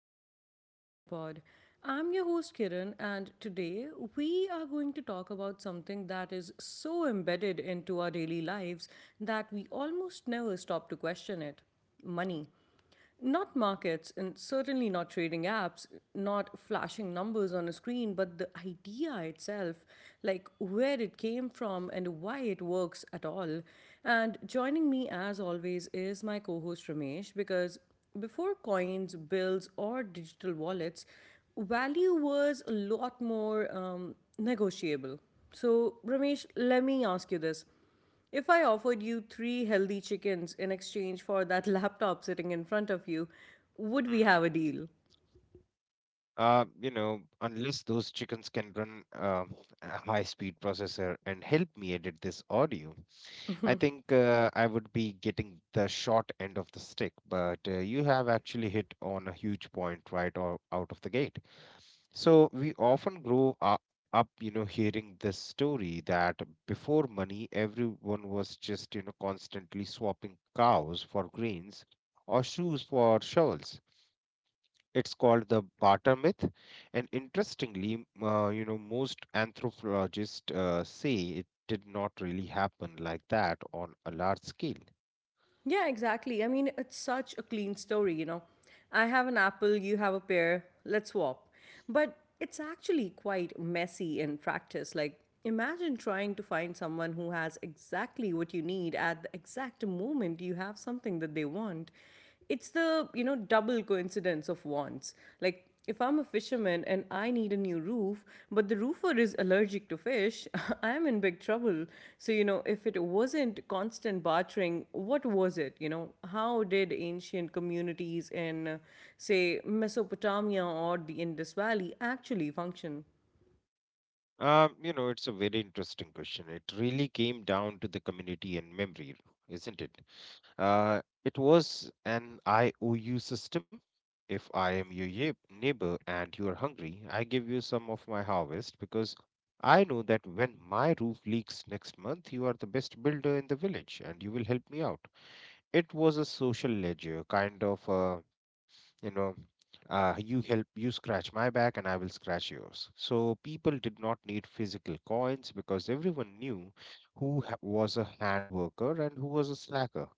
back to the Open Mind Pod. I'm your host Kiran, and today we are going to talk about something that is so embedded into our daily lives that we almost never stop to question it: money. Not markets, and certainly not trading apps, not flashing numbers on a screen, but the idea itself, like where it came from and why it works at all. And joining me, as always, is my co host Ramesh, because before coins, bills, or digital wallets, value was a lot more negotiable. So, Ramesh, let me ask you this: if I offered you three healthy chickens in exchange for that laptop sitting in front of you, would we Hmm. have a deal? Uh, you know, unless those chickens can run uh, a high speed processor and help me edit this audio, I think I would be getting the short end of the stick. But you have actually hit on a huge point, right, or out of the gate. So we often grow up, hearing this story that before money, everyone was just, constantly swapping cows for grains or shoes for shovels. It's called the barter myth, and interestingly, most anthropologists say it did not really happen like that on a large scale. Yeah, exactly. I mean, it's such a clean story, you know. I have an apple, you have a pear, let's swap. But it's actually quite messy in practice. Like, imagine trying to find someone who has exactly what you need at the exact moment you have something that they want. It's the, you know, double coincidence of wants. Like, if I'm a fisherman and I need a new roof but the roofer is allergic to fish, I'm in big trouble. So, you know, if it wasn't constant bartering, what was it? You know, how did ancient communities in say Mesopotamia or the Indus Valley actually function? It's a very interesting question. It really came down to the community and memory, isn't it? It was an IOU system. If I am your neighbor and you are hungry, I give you some of my harvest because I know that when my roof leaks next month, you are the best builder in the village and you will help me out. It was a social ledger, kind of. You know, you help, you scratch my back and I will scratch yours. So people did not need physical coins because everyone knew who was a hand worker and who was a slacker.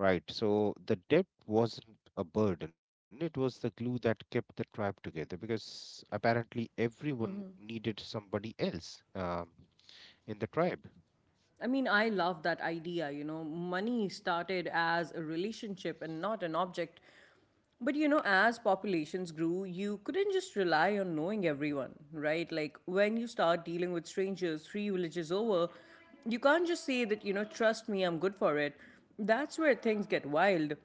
Right. So the debt wasn't a burden, it was the glue that kept the tribe together because apparently everyone needed somebody else, in the tribe. I mean, I love that idea. You know, money started as a relationship and not an object. But you know, as populations grew, you couldn't just rely on knowing everyone, right? Like when you start dealing with strangers three villages over, you can't just say that, you know, trust me, I'm good for it. That's where things get wild.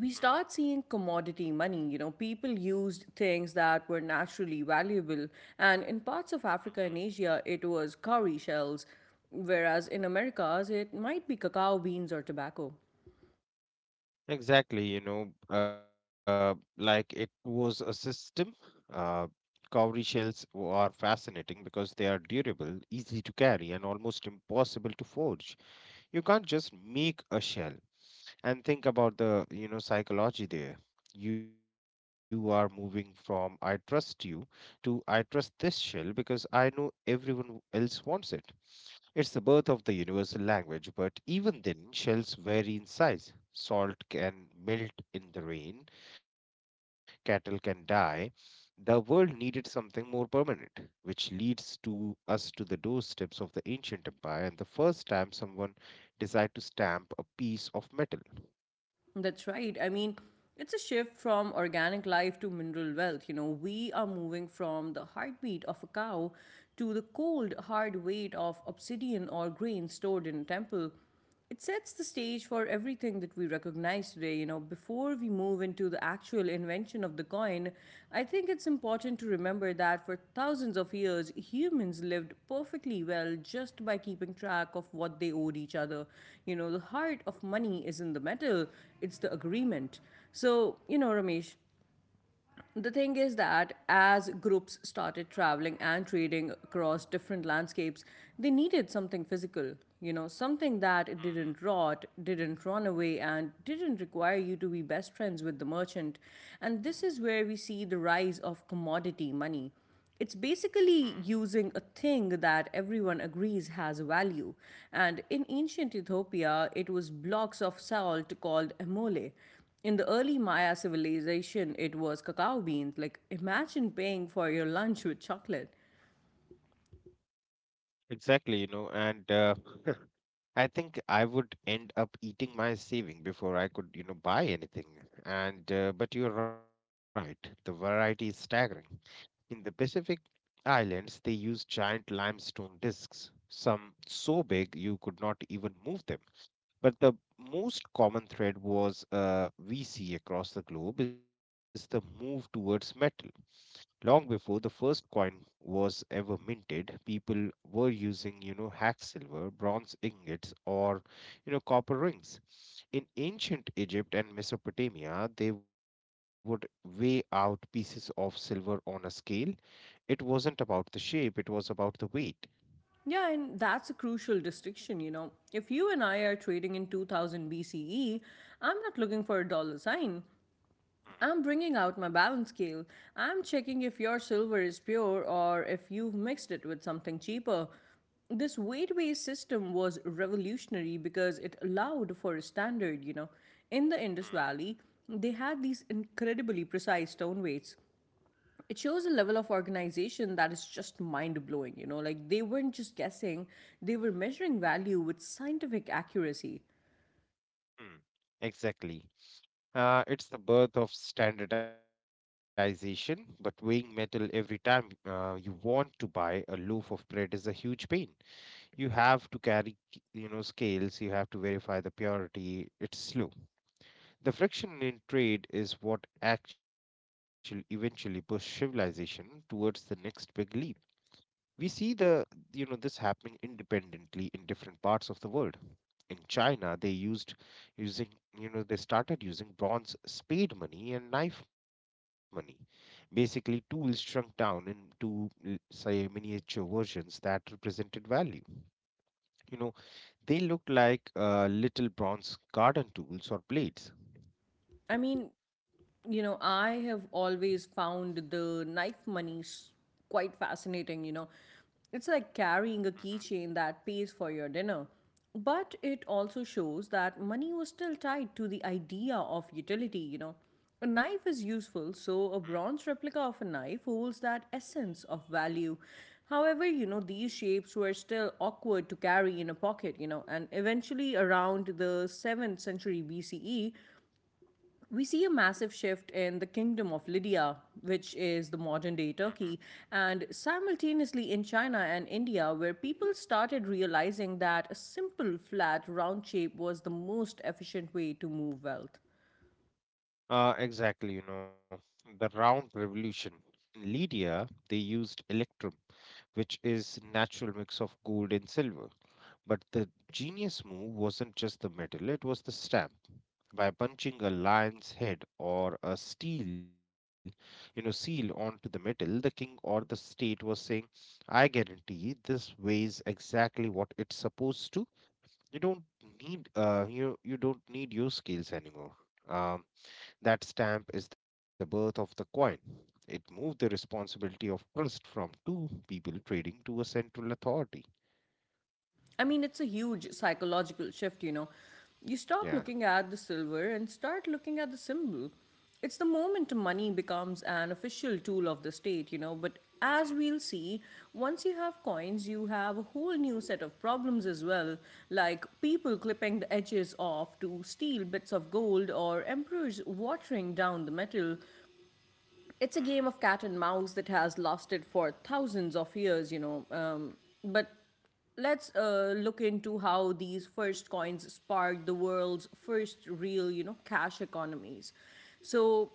We start seeing commodity money. You know, people used things that were naturally valuable. And in parts of Africa and Mm-hmm. Asia, it was cowrie shells, whereas in Americas, it might be cacao beans or tobacco. Exactly, like it was a system. Uh, Cowrie shells are fascinating because they are durable, easy to carry, and almost impossible to forge. You can't just make a shell. And think about the, psychology there. You are moving from "I trust you" to "I trust this shell because I know everyone else wants it." It's the birth of the universal language. But even then, shells vary in size, salt can melt in the rain, cattle can die. The world needed something more permanent, which leads to us to the doorsteps of the ancient empire and the first time someone decided to stamp a piece of metal. That's right. I mean, it's a shift from organic life to mineral wealth. You know, we are moving from the heartbeat of a cow to the cold, hard weight of obsidian or grain stored in a temple. It sets the stage for everything that we recognize today. You know, before we move into the actual invention of the coin, I think it's important to remember that for thousands of years, humans lived perfectly well just by keeping track of what they owed each other. You know, the heart of money is in the metal, it's the agreement. So, you know, Ramesh, the thing is that as groups started traveling and trading across different landscapes, they needed something physical, you know, something Mhm. that didn't rot, didn't run away, and didn't require you to be best friends with the merchant. And this is where we see the rise of commodity money. It's Mm. basically using a thing that everyone agrees has value. And in ancient Ethiopia, it was blocks of salt called emole. In the early Maya civilization, it was cacao beans. Like, imagine paying for your lunch with chocolate. Exactly, and I think I would end up eating my saving before I could, buy anything. And but you're right, the variety is staggering. In the Pacific Islands, they use giant limestone discs, some so big you could not even move them. But the most common thread was we see across the globe is the move towards metal. Long before the first coin was ever minted, people were using, hacked silver, bronze ingots, or copper rings. In ancient Egypt and Mesopotamia, they would weigh out pieces of silver on a scale. It wasn't about the shape, it was about the weight. Yeah, and that's a crucial distinction, you know. If you and I are trading in 2000 BCE, I'm not looking for a dollar sign. Hmm. I'm bringing out my balance scale. I'm checking if your silver is pure or if you've mixed it with something cheaper. This weight based system was revolutionary because it allowed for a standard, you know. In the Mm. Indus Valley, they had these incredibly precise stone weights. It shows a level of organization that is just mind blowing, you know. Like they weren't just guessing, they were measuring value with scientific accuracy. Mm. Exactly. It's the birth of standardization, but weighing metal every time you want to buy a loaf of bread is a huge pain. You have to carry, scales, you have to verify the purity. It's slow. The friction in trade is what actually eventually pushed civilization towards the next big leap. We see the you know this happening independently in different parts of the world. In China, they used using they started using bronze spade money and knife money, basically tools shrunk down into say miniature versions that represented value. you know they look like little bronze garden tools or blades. I mean, you know, I have always found the quite fascinating. You know, it's like Mm-hmm. carrying a keychain that pays for your dinner. But it also shows that money was still tied to the idea of utility, you know. A knife is useful, so a bronze replica of a knife holds that essence of value. However, you know, these shapes were still awkward to carry in a pocket, you know, and eventually around the 7th century BCE, we see a massive shift in the kingdom of Lydia, which is the modern day Mm-hmm. Turkey, and simultaneously in China and India, where people started realizing that a simple, flat, round shape was the most efficient way to move wealth. Exactly, the round revolution. In Lydia, they used electrum, which is natural mix of gold and silver. But the genius move wasn't just the metal, it was the stamp. By punching a lion's head or a steel, seal onto the metal, the king or the state was saying, "I guarantee this weighs exactly what it's supposed to." You don't need uh, you you don't need your skills anymore. um, that stamp is the birth of the coin. It moved the responsibility of trust from two people trading to a central authority. I mean, it's a huge psychological shift, you know. You stop Yeah. looking at the silver and start looking at the symbol. It's the moment money becomes an official tool of the state, you know. But as we'll see, once you have coins, you have a whole new set of problems as well, like people clipping the edges off to steal bits of gold or emperors watering down the metal. It's a game of cat and mouse that has lasted for thousands of years, you know. But let's look into how these first coins sparked the world's first real, you know, cash economies. So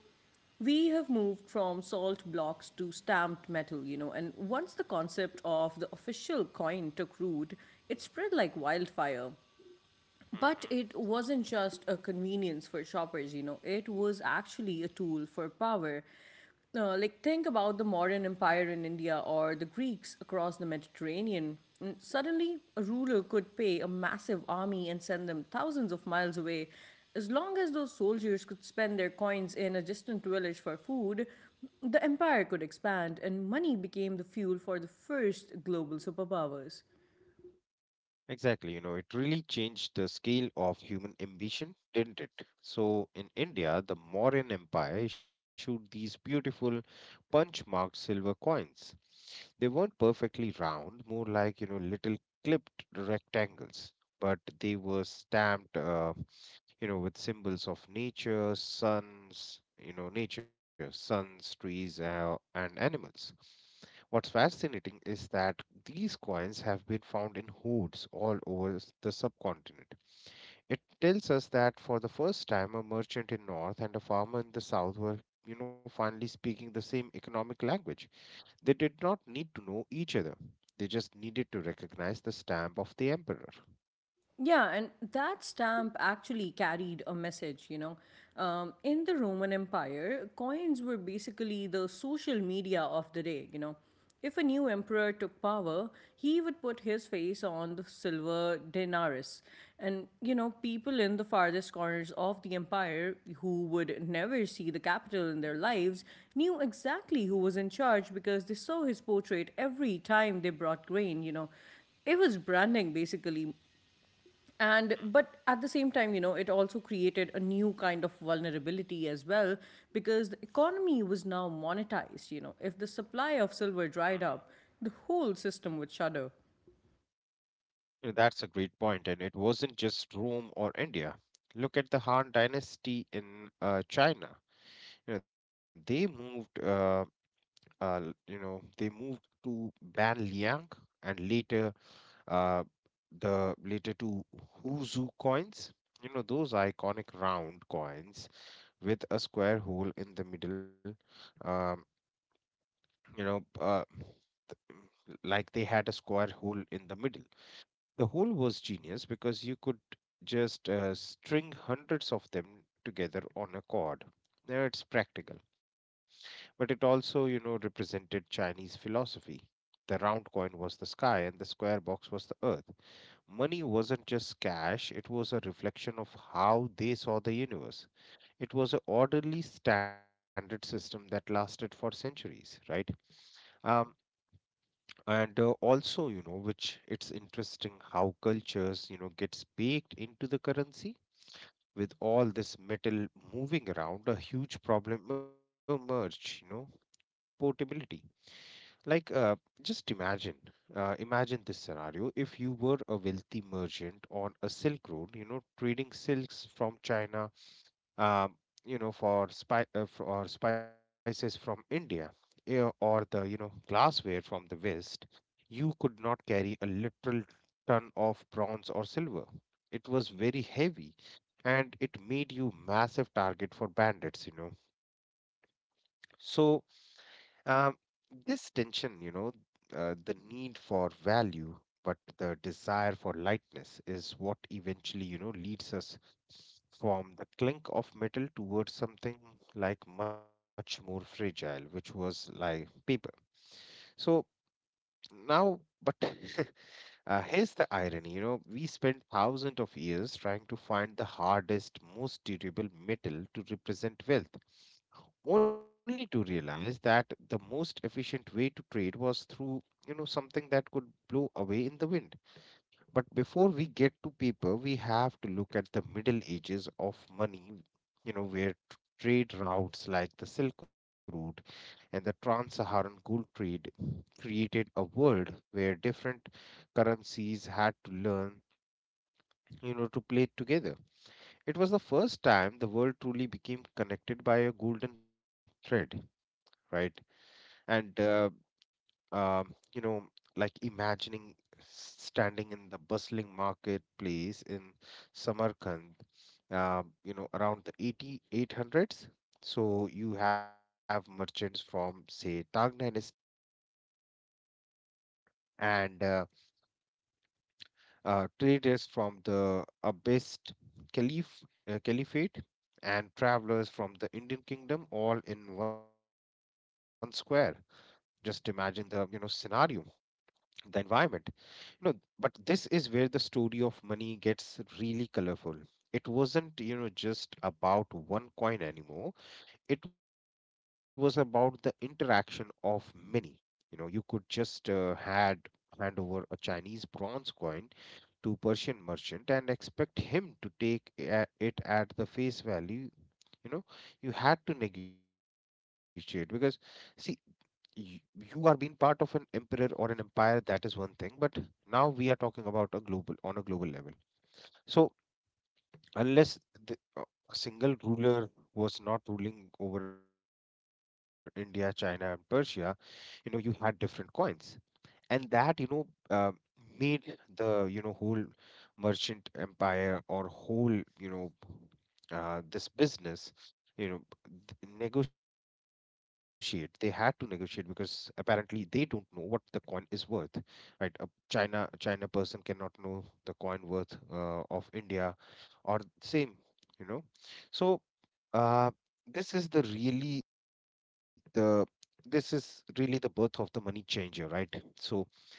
we have moved from salt blocks to stamped metal, you know, and once the concept of the official coin took root, it spread like wildfire. Mm-hmm, But mm-hmm. it wasn't just a convenience for shoppers, you know, it was actually a tool for power. Like, think about the modern empire in India or the Greeks across the Mediterranean. Mm, suddenly, a ruler could pay a massive army and send them thousands of miles away. As long as those soldiers could spend their coins in a distant village for food, the empire could expand, and money became the fuel for the first global superpowers. Exactly, it really changed the scale of human ambition, didn't it? So, in India, the Mauryan Empire issued these beautiful punch marked silver coins. They weren't perfectly round, more like, little clipped rectangles, but they were stamped. With symbols of nature, suns, trees, and animals. What's fascinating is that these coins have been found in hoards all over the subcontinent. It tells us that for the first time, a merchant in North and a farmer in the South were, finally speaking the same economic language. They did not need to know each other. They just needed to recognize the stamp of the emperor. Yeah, and that stamp actually carried a message, you know. In the Roman Empire, coins were basically the social media of the day, you know. If a new emperor took power, he would put his face on the silver denarius. And, you know, people in the farthest corners of the empire who would never see the capital in their lives knew exactly who was in charge because they saw his portrait every time they brought grain. You know, it was branding basically. And but at the same time, you know, it also created a new kind of vulnerability as well, because the economy was now monetized. You know, if the supply of silver dried up, the whole system would shudder. Yeah, that's a great point, and it wasn't just Rome or India. Look at the Han Dynasty in, China. You know, they moved, l- you know, They moved to Banliang and uh, later to Huzhou coins. You know, those iconic round coins with a square hole in the middle. Um, you know, uh, like they had a square hole in the middle. The whole was genius because you could just string hundreds of them together on a cord. Now, it's practical, but it also, represented Chinese philosophy. The round coin was the sky and the square box was the earth. Money wasn't just cash, it was a reflection of how they saw the universe. It was an orderly standard system that lasted for centuries, right? Um, and also, which it's interesting how cultures, gets baked into the currency. With all this metal moving around, a huge problem emerged, portability. Like just imagine Imagine this scenario: if you were a wealthy merchant on a silk road, trading silks from China, um, for spices from India, or the, glassware from the West, you could not carry a literal ton of bronze or silver. It was very heavy, and it made you massive target for bandits. So um, this tension, the need for value, but the desire for lightness is what eventually, leads us from the clink of metal towards something like much more fragile, which was like paper. So now, but here's the irony, we spent thousands of years trying to find the hardest, most durable metal to represent wealth only to realize that the most efficient way to trade was through, something that could blow away in the wind. But before we get to paper, we have to look at the middle ages of money, where trade routes like the silk route and the trans-Saharan gold trade created a world where different currencies had to learn, to play together. It was the first time the world truly became connected by a golden thread. Right. And um, you know like imagining standing in the bustling marketplace in Samarkand, around the 88 hundreds. So you have merchants from, say, Tang Dynasty and traders from the Abbasid caliph caliphate and travelers from the Indian kingdom, all in one square. Just imagine the, scenario, the environment. No, but this is where the story of money gets really colorful. It wasn't, just about one coin anymore. It was about the interaction of many. You know, you could just had hand over a Chinese bronze coin to Persian merchant and expect him to take it at the face value. You know, you had to negotiate because, see, you are being part of an emperor or an empire, that is one thing, but now we are talking about a global on a global level. So, unless the, uh, a single ruler was not ruling over India, China, and Persia, you had different coins, and that, uh, made the, whole merchant empire or whole, this business, you know th- negotiate they had to negotiate because apparently they don't know what the coin is worth. Right, a China person cannot know the coin worth, of India, or same, you know so uh, this is the really the this is really the birth of the money changer, right? So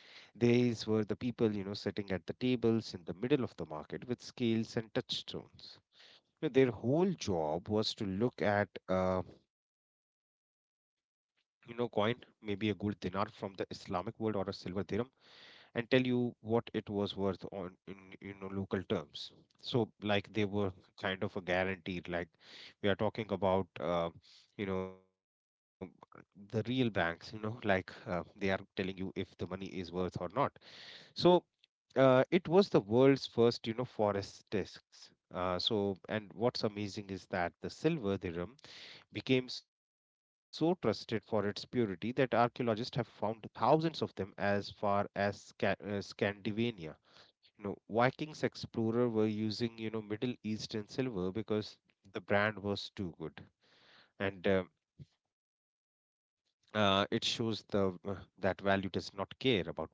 these were the people, sitting at the tables in the middle of the market with scales and touchstones. You know, their whole job was to look at, coin, maybe a gold dinar from the Islamic world or a silver dirham, and tell you what it was worth on in, local terms. So, like, they were kind of a guaranteed. Like, we are talking about, you know, the real banks. You know, like they are telling you if the money is worth or not. So it was the world's first, you know, forest discs. And what's amazing is that the silver dirham became so trusted for its purity that archaeologists have found thousands of them as far as Scandinavia. You know, Vikings explorer were using, you know, Middle Eastern silver because the brand was too good, and it shows the that value does not care about borders.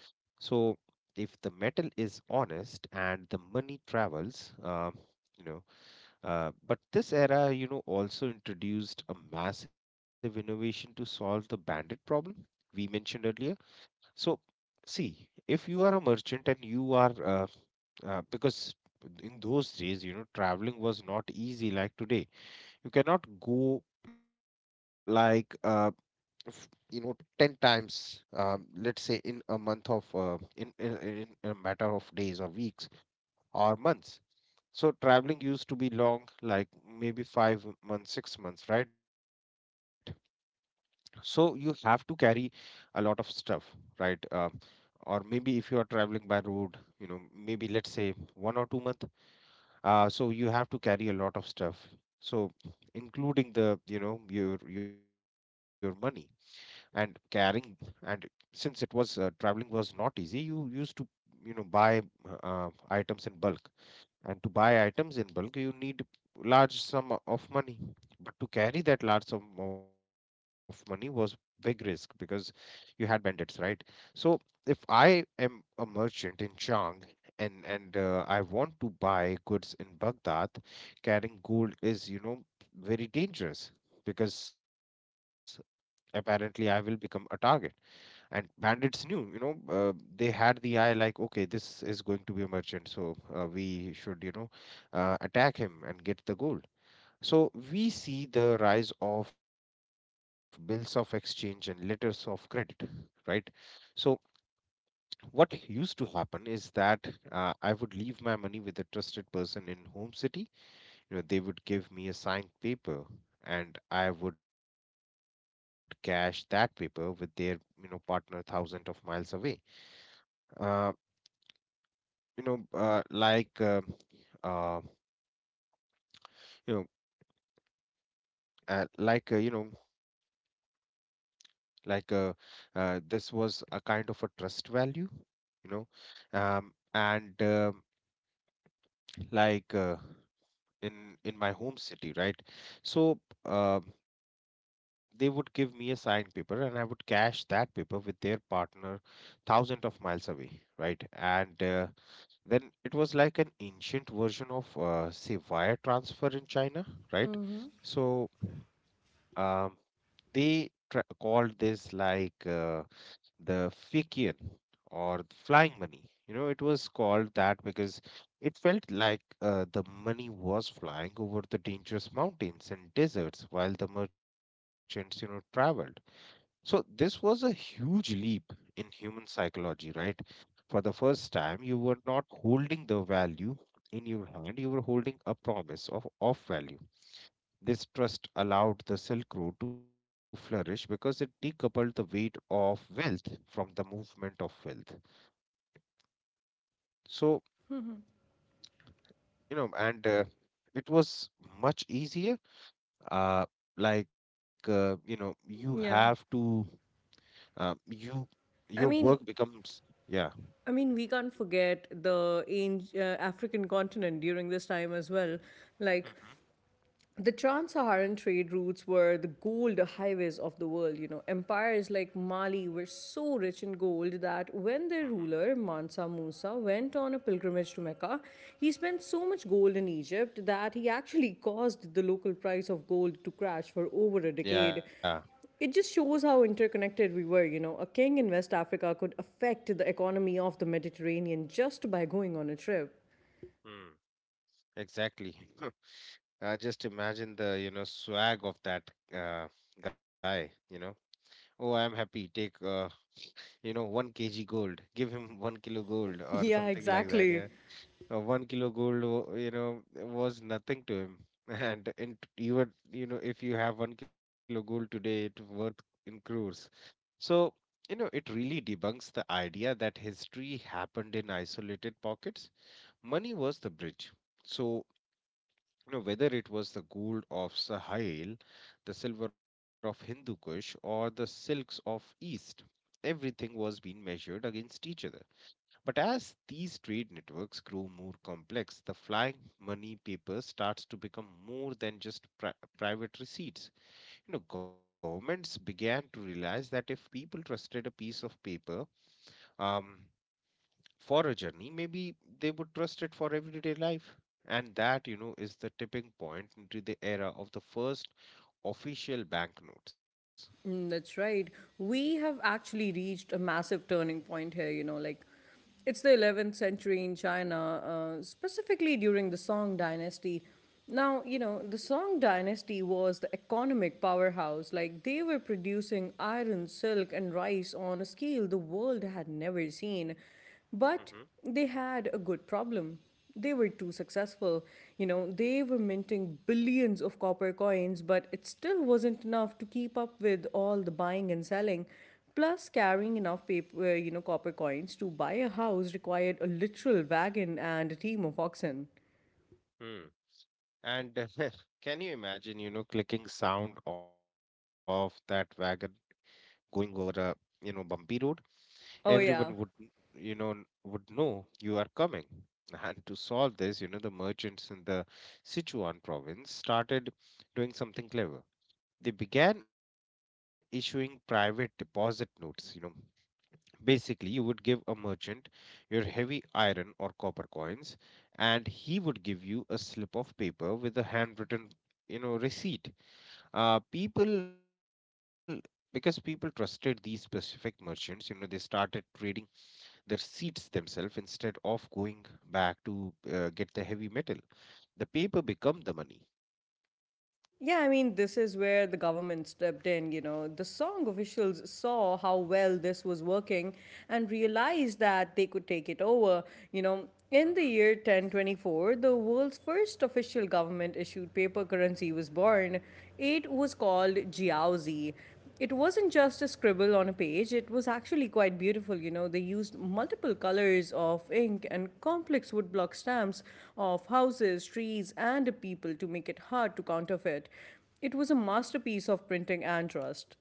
So, if the metal is honest and the money travels, you know, but this era, you know, also introduced a massive innovation to solve the bandit problem we mentioned earlier. So, see, if you are a merchant and you are, because in those days, you know, traveling was not easy like today. You cannot go like you know 10 times, let's say in a month of in a matter of days or weeks or months. So traveling used to be long, like maybe 5 months, 6 months, right? So you have to carry a lot of stuff, right? Or maybe if you are traveling by road, you know, maybe let's say 1 or 2 month. So you have to carry a lot of stuff. So including the, you know, your money and carrying, and since it was, traveling was not easy, you used to, you know, buy uh, items in bulk. And to buy items in bulk you need large sum of money, but to carry that large sum of money was big risk because you had bandits, right? So if I am a merchant in chang and I want to buy goods in baghdad, carrying gold is, you know, very dangerous, because apparently I will become a target. And bandits knew, you know, they had the eye like, okay, this is going to be a merchant, so we should, you know, attack him and get the gold. So we see the rise of bills of exchange and letters of credit, right? So what used to happen is that I would leave my money with a trusted person in home city, you know, they would give me a signed paper and I would cash that paper with their, you know, partner thousands of miles away. Uh, you know, like, uh, you know, uh, like, uh, you know, like uh, this was a kind of a trust value, you know, and like in my home city, right? So uh, they would give me a signed paper and I would cash that paper with their partner thousands of miles away, right? And then it was like an ancient version of, say, wire transfer in china, right? So um, they called this like the Fikian, or the flying money. You know, it was called that because it felt like the money was flying over the dangerous mountains and deserts while the merchants, you know, traveled. So this was a huge leap in human psychology, right? For the first time, you were not holding the value in your hand, you were holding a promise of off value. This trust allowed the Silk Road to flourish because it decoupled the weight of wealth from the movement of wealth. So, you know, and it was much easier. Uh, you know, you have Yeah. to, you, your I work mean, becomes, yeah. I mean, we can't forget the African continent during this time as well. Like, Mhm, the trans-Saharan trade routes were the gold highways of the world. You know, empires like Mali were so rich in gold that when their mhm. ruler Mansa Musa went on a pilgrimage to Mecca, he spent so much gold in Egypt that he actually caused the local price of gold to crash for over a decade. Yeah. It just shows how interconnected we were. You know, a king in West Africa could affect the economy of the Mediterranean just by going on a trip. Mm, exactly. I just imagine the, you know, swag of that guy, you know. Oh, I'm happy. Take, you know, one kg gold, give him 1 kilo gold or Yeah, something like that. exactly. Yeah, 1 kilo gold, you know, was nothing to him. And in, you would, you know, if you have 1 kilo gold today, it worth in crores. So, you know, it really debunks the idea that history happened in isolated pockets. Money was the bridge. So, you know, whether it was the gold of Sahel, the silver of Hindu Kush, or the silks of East, everything was being measured against each other. But as these trade networks grow more complex, the flying money paper starts to become more than just private receipts. You know, governments began to realize that if people trusted a piece of paper, um, for a journey, maybe they would trust it for everyday life. And that, you know, is the tipping point into the era of the first official banknotes. Mm, that's right. We have actually reached a massive turning point here, you know, like it's the 11th century in China, specifically during the Song dynasty. Now, you know, the Song dynasty was the economic powerhouse. Like, they were producing iron, silk, and rice on a scale the world had never seen. Hmm. But they had a good problem: they were too successful. You know, they were minting billions of copper coins, but it still wasn't enough to keep up with all the buying and selling. Plus, carrying enough paper, you know, copper coins to buy a house required a literal wagon and a team of oxen. Hmm. And can you imagine, you know, clicking sound of that wagon going over a, you know, bumpy road? Oh Everyone would yeah. You know would know you are coming. And to solve this, you know, the merchants in the sichuan province started doing something clever. They began issuing private deposit notes, you know. Basically, you would give a merchant your heavy iron or copper coins, and he would give you a slip of paper with a handwritten, you know, receipt. Uh, people because people trusted these specific merchants, you know, they started trading their seats themselves instead of going back to get the heavy metal. The paper become the money. Yeah, I mean, this is where the government stepped in. You know, the song officials saw how well this was working and realized that they could take it over. You know, in the year 1024, the world's first official government issued paper currency was born. It was called Jiaozi. It wasn't just a scribble on a page, it was actually quite beautiful. You know, they used multiple colors of ink and complex woodblock stamps of houses, trees, and people to make it hard to counterfeit. It was a masterpiece of printing and trust.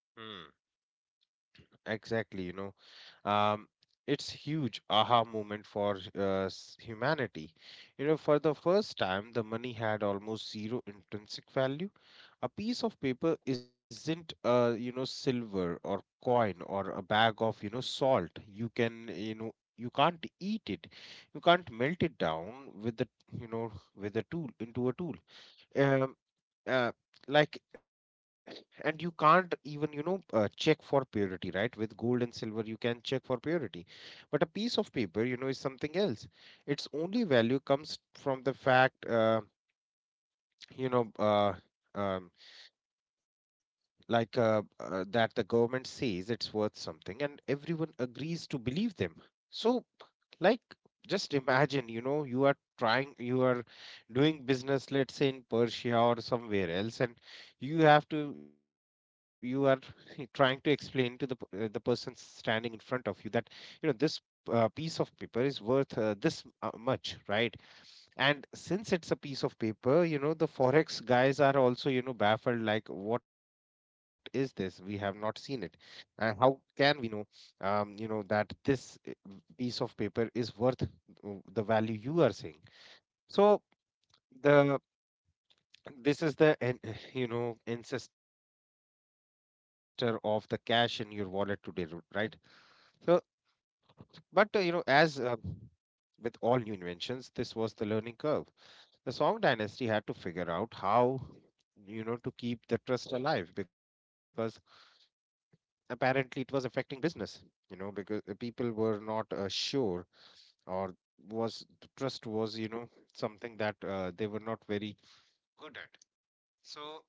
Mhm. Exactly, you know, um, it's huge aha moment for humanity. You know, for the first time, the money had almost zero intrinsic value. A piece of paper isn't, you know, silver or coin or a bag of, you know, salt. You can, you know, you can't eat it. You can't melt it down with the, you know, with a tool into a tool. Um, uh, like and you can't even, you know, check for purity, right? With gold and silver you can check for purity, but a piece of paper, you know, is something else. Its only value comes from the fact you know uh, um, that the government says it's worth something, and everyone agrees to believe them. So, like, just imagine, you know, you are trying, you are doing business, let's say in persia or somewhere else, and you have to, you are trying to explain to the person standing in front of you that, you know, this piece of paper is worth this much, right? And since it's a piece of paper, you know, the forex guys are also, you know, baffled like, what is this? We have not seen it. How can we know, you know, that this piece of paper is worth the value you are saying? So the this is the you know ancestor of the cash in your wallet today, right? So, but, you know, as with all new inventions, this was the learning curve. The Song dynasty had to figure out how, you know, to keep the trust alive, because apparently it was affecting business, you know, because the people were not sure. Or was the trust was, you know, something that they were not very good at. So,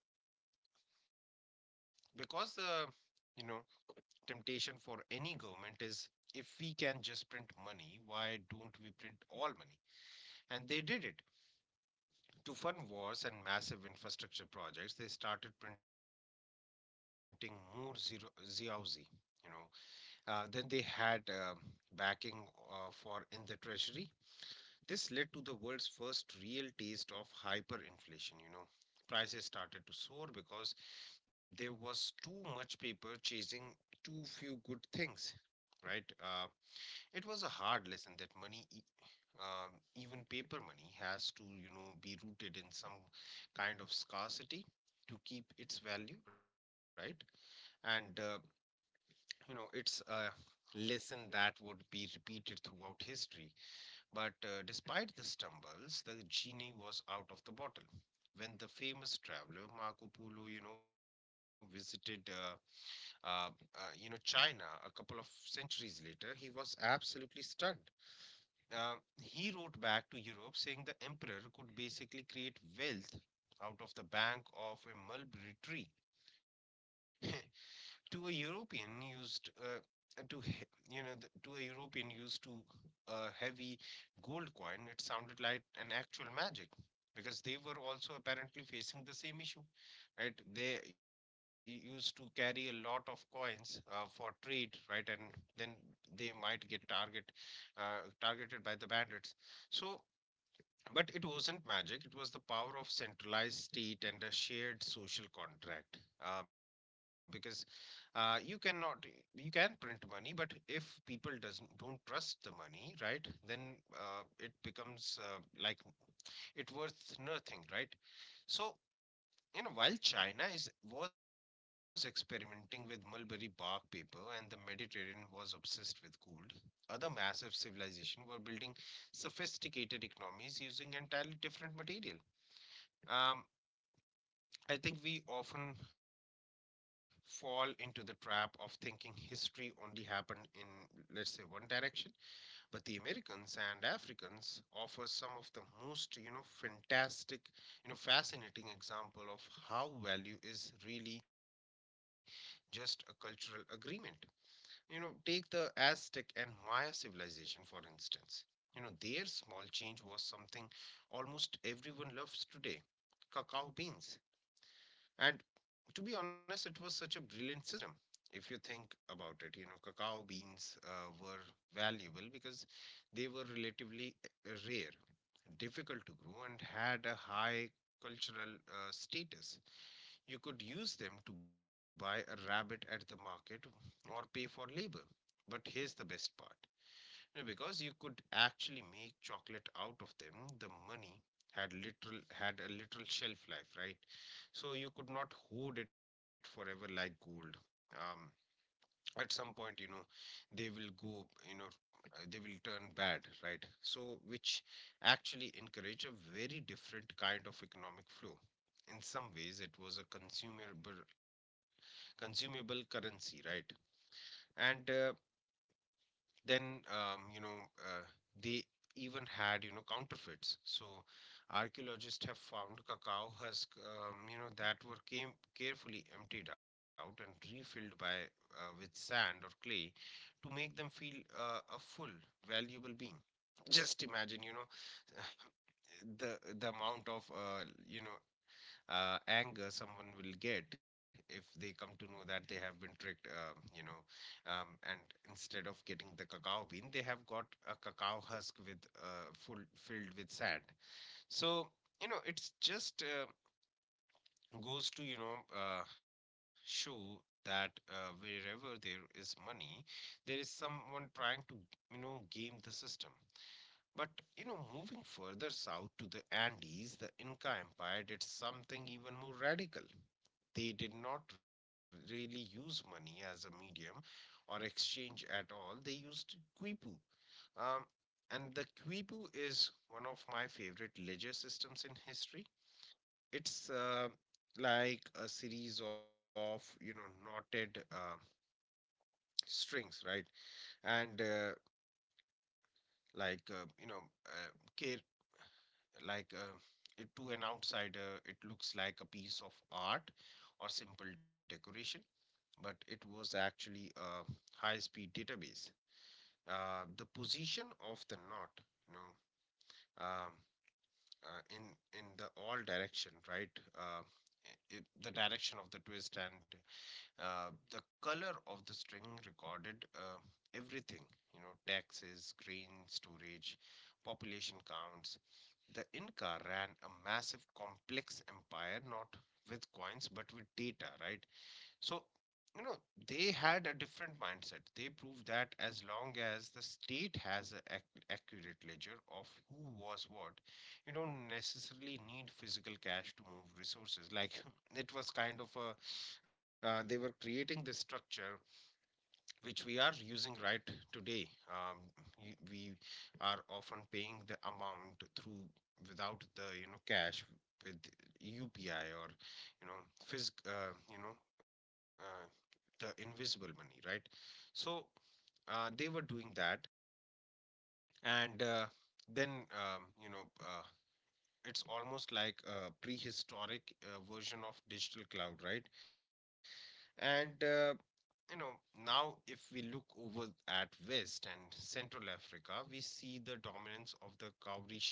because the, you know, temptation for any government is, if we can just print money, why don't we print all money? And they did it. To fund wars and massive infrastructure projects, they started printing more zero zeoxy. You know, then they had backing for in the treasury. This led to the world's first real taste of hyperinflation. You know, prices started to soar because there was too much paper chasing too few good things. Right? It was a hard lesson that money, even paper money, has to, you know, be rooted in some kind of scarcity to keep its value, right? And, uh, you know, it's a lesson that would be repeated throughout history. But, despite the stumbles, the genie was out of the bottle. When the famous traveler Marco Polo, you know, visited, you know, China a couple of centuries later, he was absolutely stunned. He wrote back to Europe saying the emperor could basically create wealth out of the bank of a mulberry tree. to a European used to he- To a European used to a heavy gold coin, it sounded like an actual magic, because they were also apparently facing the same issue, right? They used to carry a lot of coins for trade, right, and then they might get targeted by the bandits. So, but it wasn't magic, it was the power of centralized state and a shared social contract. Because you cannot, you can print money, but if people doesn't don't trust the money, right, then it becomes like it worth nothing, right? So while China is was experimenting with mulberry bark paper and the Mediterranean was obsessed with gold, other massive civilizations were building sophisticated economies using entirely different material. um, I think we often fall into the trap of thinking history only happened in, let's say, one direction. But the Americans and Africans offer some of the most, fantastic, fascinating example of how value is really just a cultural agreement. You know, take the Aztec and Maya civilization, for instance. You know, their small change was something almost everyone loves today, cacao beans. And to be honest, it was such a brilliant system. If you think about it, you know, cacao beans were valuable because they were relatively rare, difficult to grow, and had a high cultural status. You could use them to buy a rabbit at the market or pay for labor. But here's the best part you because you could actually make chocolate out of them, the money had a literal shelf life, right? So you could not hoard it forever like gold. um at some point, you know, they will go, you know, they will turn bad, right? So which actually encourage a very different kind of economic flow. In some ways it was a consumable currency, right? and Then, you know, they even had, you know, counterfeits. So archaeologists have found cacao husk, you know, that were came carefully emptied out and refilled by with sand or clay to make them feel a full valuable being. Just imagine, you know, the amount of, you know, anger someone will get if they come to know that they have been tricked, and instead of getting the cacao bean, they have got a cacao husk with full filled with sand. So, you know, it's just, goes to, you know, show that, wherever there is money, there is someone trying to, game the system. But, you know, moving further south to the Andes, the Inca Empire did something even more radical. They did not really use money as a medium or exchange at all. They used quipu. Um, and the quipu is one of my favorite ledger systems in history. It's, like a series of, you know, knotted strings, right? And like, you know, uh, care, like it, To an outsider, it looks like a piece of art or simple decoration, but it was actually a high speed database. The position of the knot, you know, um, uh, in in the all direction, right? I The direction of the twist and the color of the string recorded everything, you know, taxes, grain storage, population counts. The Inca ran a massive complex empire, not with coins, but with data, right? So, you know, they had a different mindset. They proved that as long as the state has an accurate ledger of who was what, you don't necessarily need physical cash to move resources. Like it was kind of they were creating this structure which we are using right today. We are often paying the amount through without the, you know, cash with UPI or, you know, phys- uh, you know, uh, the invisible money, right? So they were doing that. And Then, you know, it's almost like a prehistoric version of digital cloud, right? and You know, now if we look over at west and central africa, we see the dominance of the cowrie shell.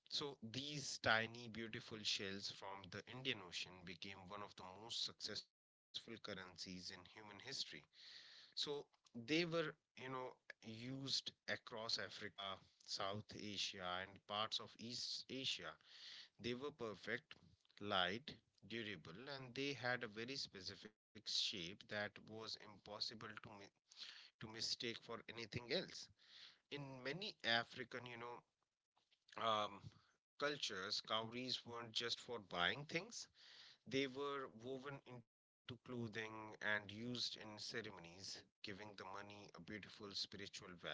So these tiny beautiful shells from the Indian Ocean became one of the most successful currencies in human history. So they were, you know, used across Africa, South Asia, and parts of East Asia. They were perfect, light, durable, and they had a very specific shape that was impossible to to mistake for anything else. In many African, um, cultures, cowries weren't just for buying things. They were woven into clothing and used in ceremonies, giving the money a beautiful spiritual value.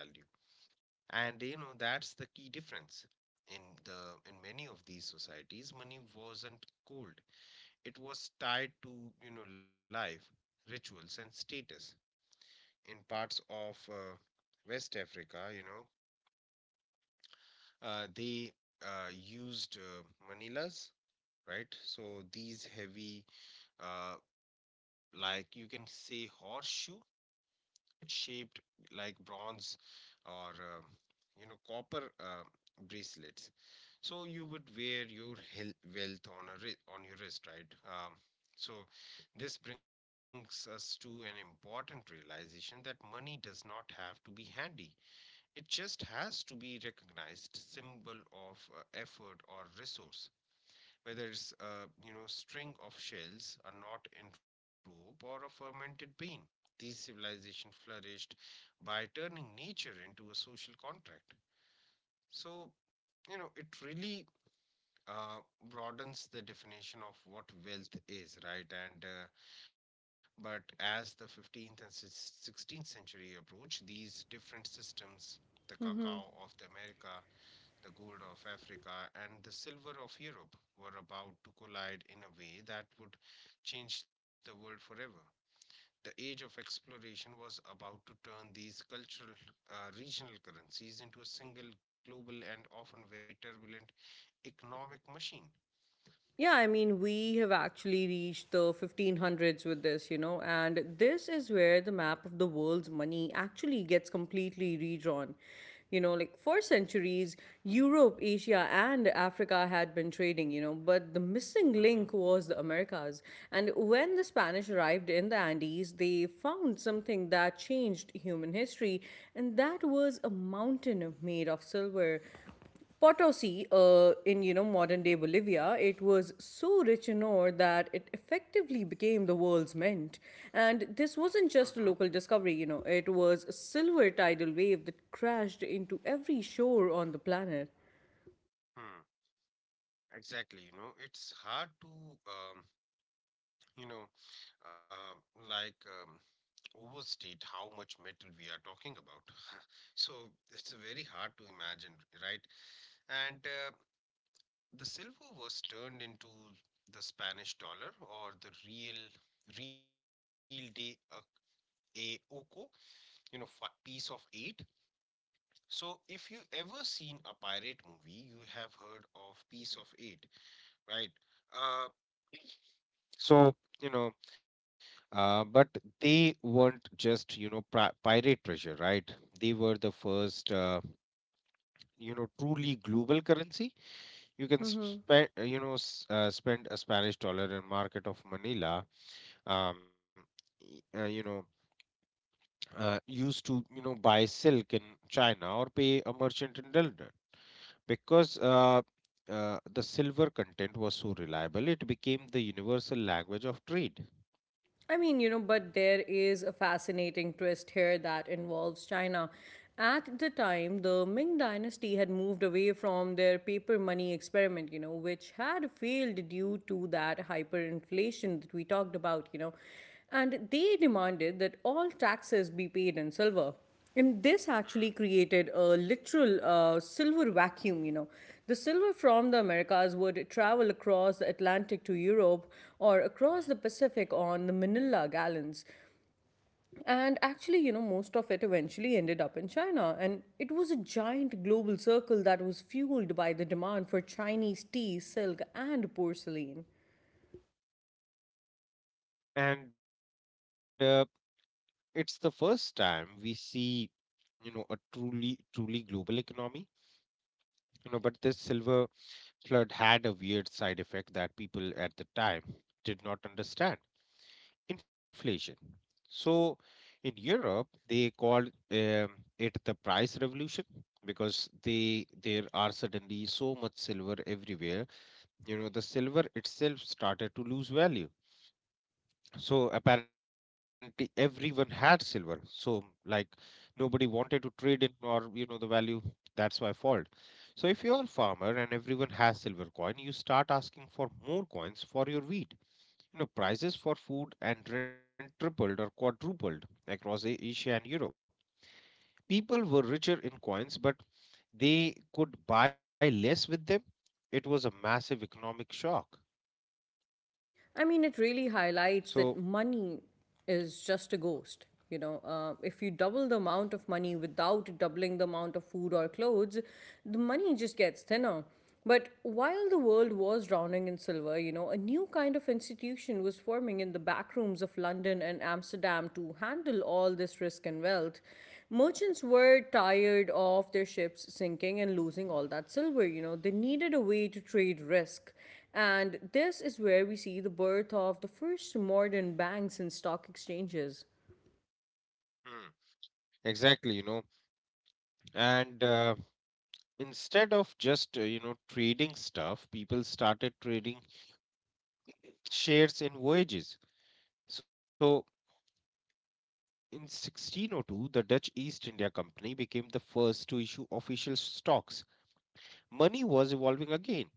And you know, that's the key difference. In many of these societies, money wasn't gold. It was tied to, you know, life, rituals and status. In parts of West Africa, you know, they used manilas, right? So these heavy, uh, like you can say horseshoe shaped, like bronze or, you know, copper bracelets. So you would wear your wealth on a on your wrist, right? So this brings us to an important realization that money does not have to be handy. It just has to be recognized symbol of effort or resource, whether it's a, you know, string of shells, a knot in rope, or a fermented bean. These civilizations flourished by turning nature into a social contract. So, you know, it really uh, broadens the definition of what wealth is, right? And But as the 15th and 16th century approach, these different systems, the cacao of the America, the gold of Africa and the silver of Europe were about to collide in a way that would change the world forever. The age of exploration was about to turn these cultural regional currencies into a single global and often very turbulent economic machine. Yeah, I mean, we have actually reached the 1500s with this, you know, and this is where the map of the world's money actually gets completely redrawn. You know, like, for centuries, Europe, Asia, and Africa had been trading, you know, but the missing link Mm-hmm. was the Americas. And when the Spanish arrived in the Andes, they found something that changed human history, and that was a mountain made of silver. Potosi, in you know modern day Bolivia, it was so rich in ore that it effectively became the world's mint. And this Mm-hmm. wasn't just a local discovery, you know, it was a silver tidal wave that crashed into every shore on the planet. Hmm. Exactly. You know, it's hard to, you know, um, like um, overstate how much metal we are talking about. So it's very hard to imagine, right? And The silver was turned into the Spanish dollar or the real de a oco, you know, fi piece of eight. So if you ever seen a pirate movie, you have heard of piece of eight, right? Uh, so, you know, but they weren't just, you know, pri pirate treasure, right? They were the first, you know, truly global currency. You can Mm-hmm. spend, spend a Spanish dollar in market of Manila. Um, y- uh, you know, Used to, you know, buy silk in China or pay a merchant in London because, the silver content was so reliable. It became the universal language of trade. I mean, you know, but there is a fascinating twist here that involves China. At the time, the Ming dynasty had moved away from their paper money experiment, you know, which had failed due to that hyperinflation that we talked about, you know, and they demanded that all taxes be paid in silver. And this Mm, actually created a literal silver vacuum, you know. The silver from the Americas would travel across the Atlantic to Europe or mhm. across the Pacific on the Manila gallons. And actually, you know, most of it eventually ended up in China. And it was a giant global circle that was fueled by the demand for Chinese tea, silk, and porcelain. and It's the first time we see, you know, a truly global economy. You know, but this silver flood had a weird side effect that people at the time did not understand: inflation. So in Europe they called, it the price revolution, because they there are suddenly so much silver everywhere, you know, the silver itself started to lose value. So apparently everyone had silver. So like nobody wanted to trade in, or you know, the value, that's why fault. So if you're a farmer and everyone has silver coin, you start asking for more coins for your wheat. You know, prices for food and rent tripled or quadrupled across Asia and Europe. People were richer in coins, but they could buy less with them. It was a massive economic shock. I mean, it really highlights So that money is just a ghost. You know, if you double the amount of money without doubling the amount of food or clothes, the money just gets thinner. But while the world was drowning in silver, you know, a new kind of institution was forming in the back rooms of London and Amsterdam to handle all this risk and wealth. Merchants were tired of their ships sinking and losing all that silver. You know, they needed a way to trade risk, and this is where we see the birth of the first modern banks and stock exchanges. hmm, exactly, you know, and instead of just, you know, trading stuff, people started trading shares in voyages. So in 1602 the Dutch East India Company became the first to issue official stocks. Money was evolving again.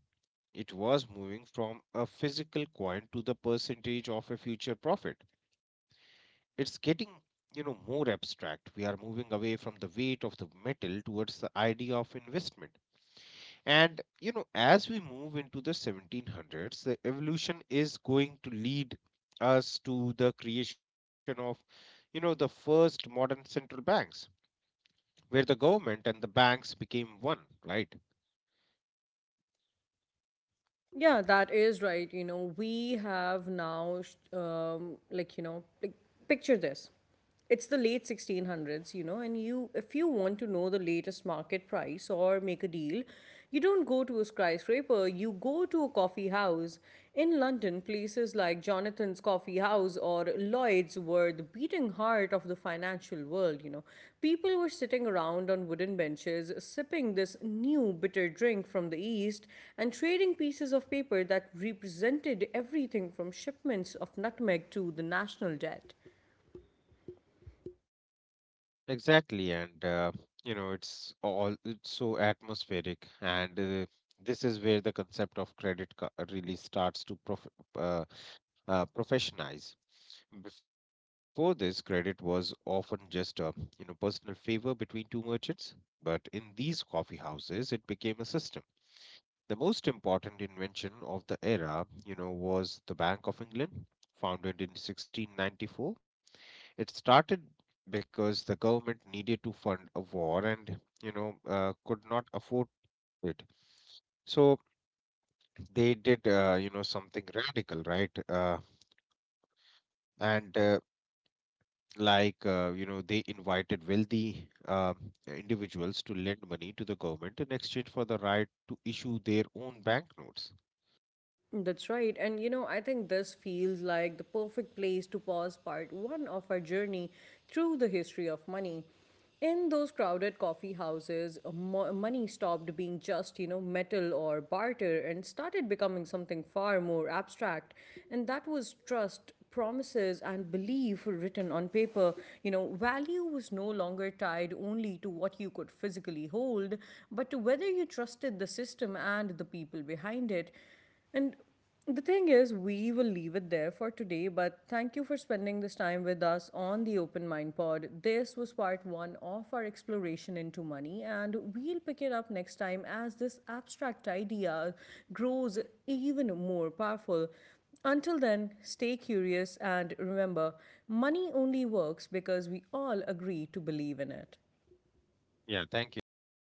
It was moving from a physical coin to the percentage of a future profit. It's getting, you know, more abstract. We are moving away from the weight of the metal towards the idea of investment. And you know, as we move into the 1700s, the evolution is going to lead us to the creation of, you know, the first modern central banks, where the government and the banks became one, right? Yeah, that is right. You know, we have now, like, you know, like, picture this. It's the late 1600s, you know, and you, if you want to know the latest market price or make a deal, you don't go to a skyscraper, you go to a coffee house. In London, places like Jonathan's Coffee House or Lloyd's were the beating heart of the financial world, you know. People were sitting around on wooden benches, sipping this new bitter drink from the East and trading pieces of paper that represented everything from shipments of nutmeg to the national debt. Exactly, and you know, it's so atmospheric, and this is where the concept of credit really starts to uh, professionalize. Before this, credit was often just a, you know, personal favor between two merchants, but in these coffee houses, it became a system. The most important invention of the era, you know, was the Bank of England, founded in 1694. It started because the government needed to fund a war and, you know, could not afford it. So they did, you know, something radical, right? And like You know, they invited wealthy individuals to lend money to the government in exchange for the right to issue their own banknotes. That's right. And you know, I think this feels like the perfect place to pause part one of our journey through the history of money. In those crowded coffee houses, money stopped being just, you know, metal or barter and started becoming something far more abstract. And that was trust, promises, and belief written on paper. You know, value was no longer tied only to what you could physically hold, but to whether you trusted the system and the people behind it. And the thing is, we will leave it there for today, but thank you for spending this time with us on the Open Mind Pod. This was part one of our exploration into money, and we'll pick it up next time as this abstract idea grows even more powerful. Until then, stay curious and remember: money only works because we all agree to believe in it. Yeah, thank you.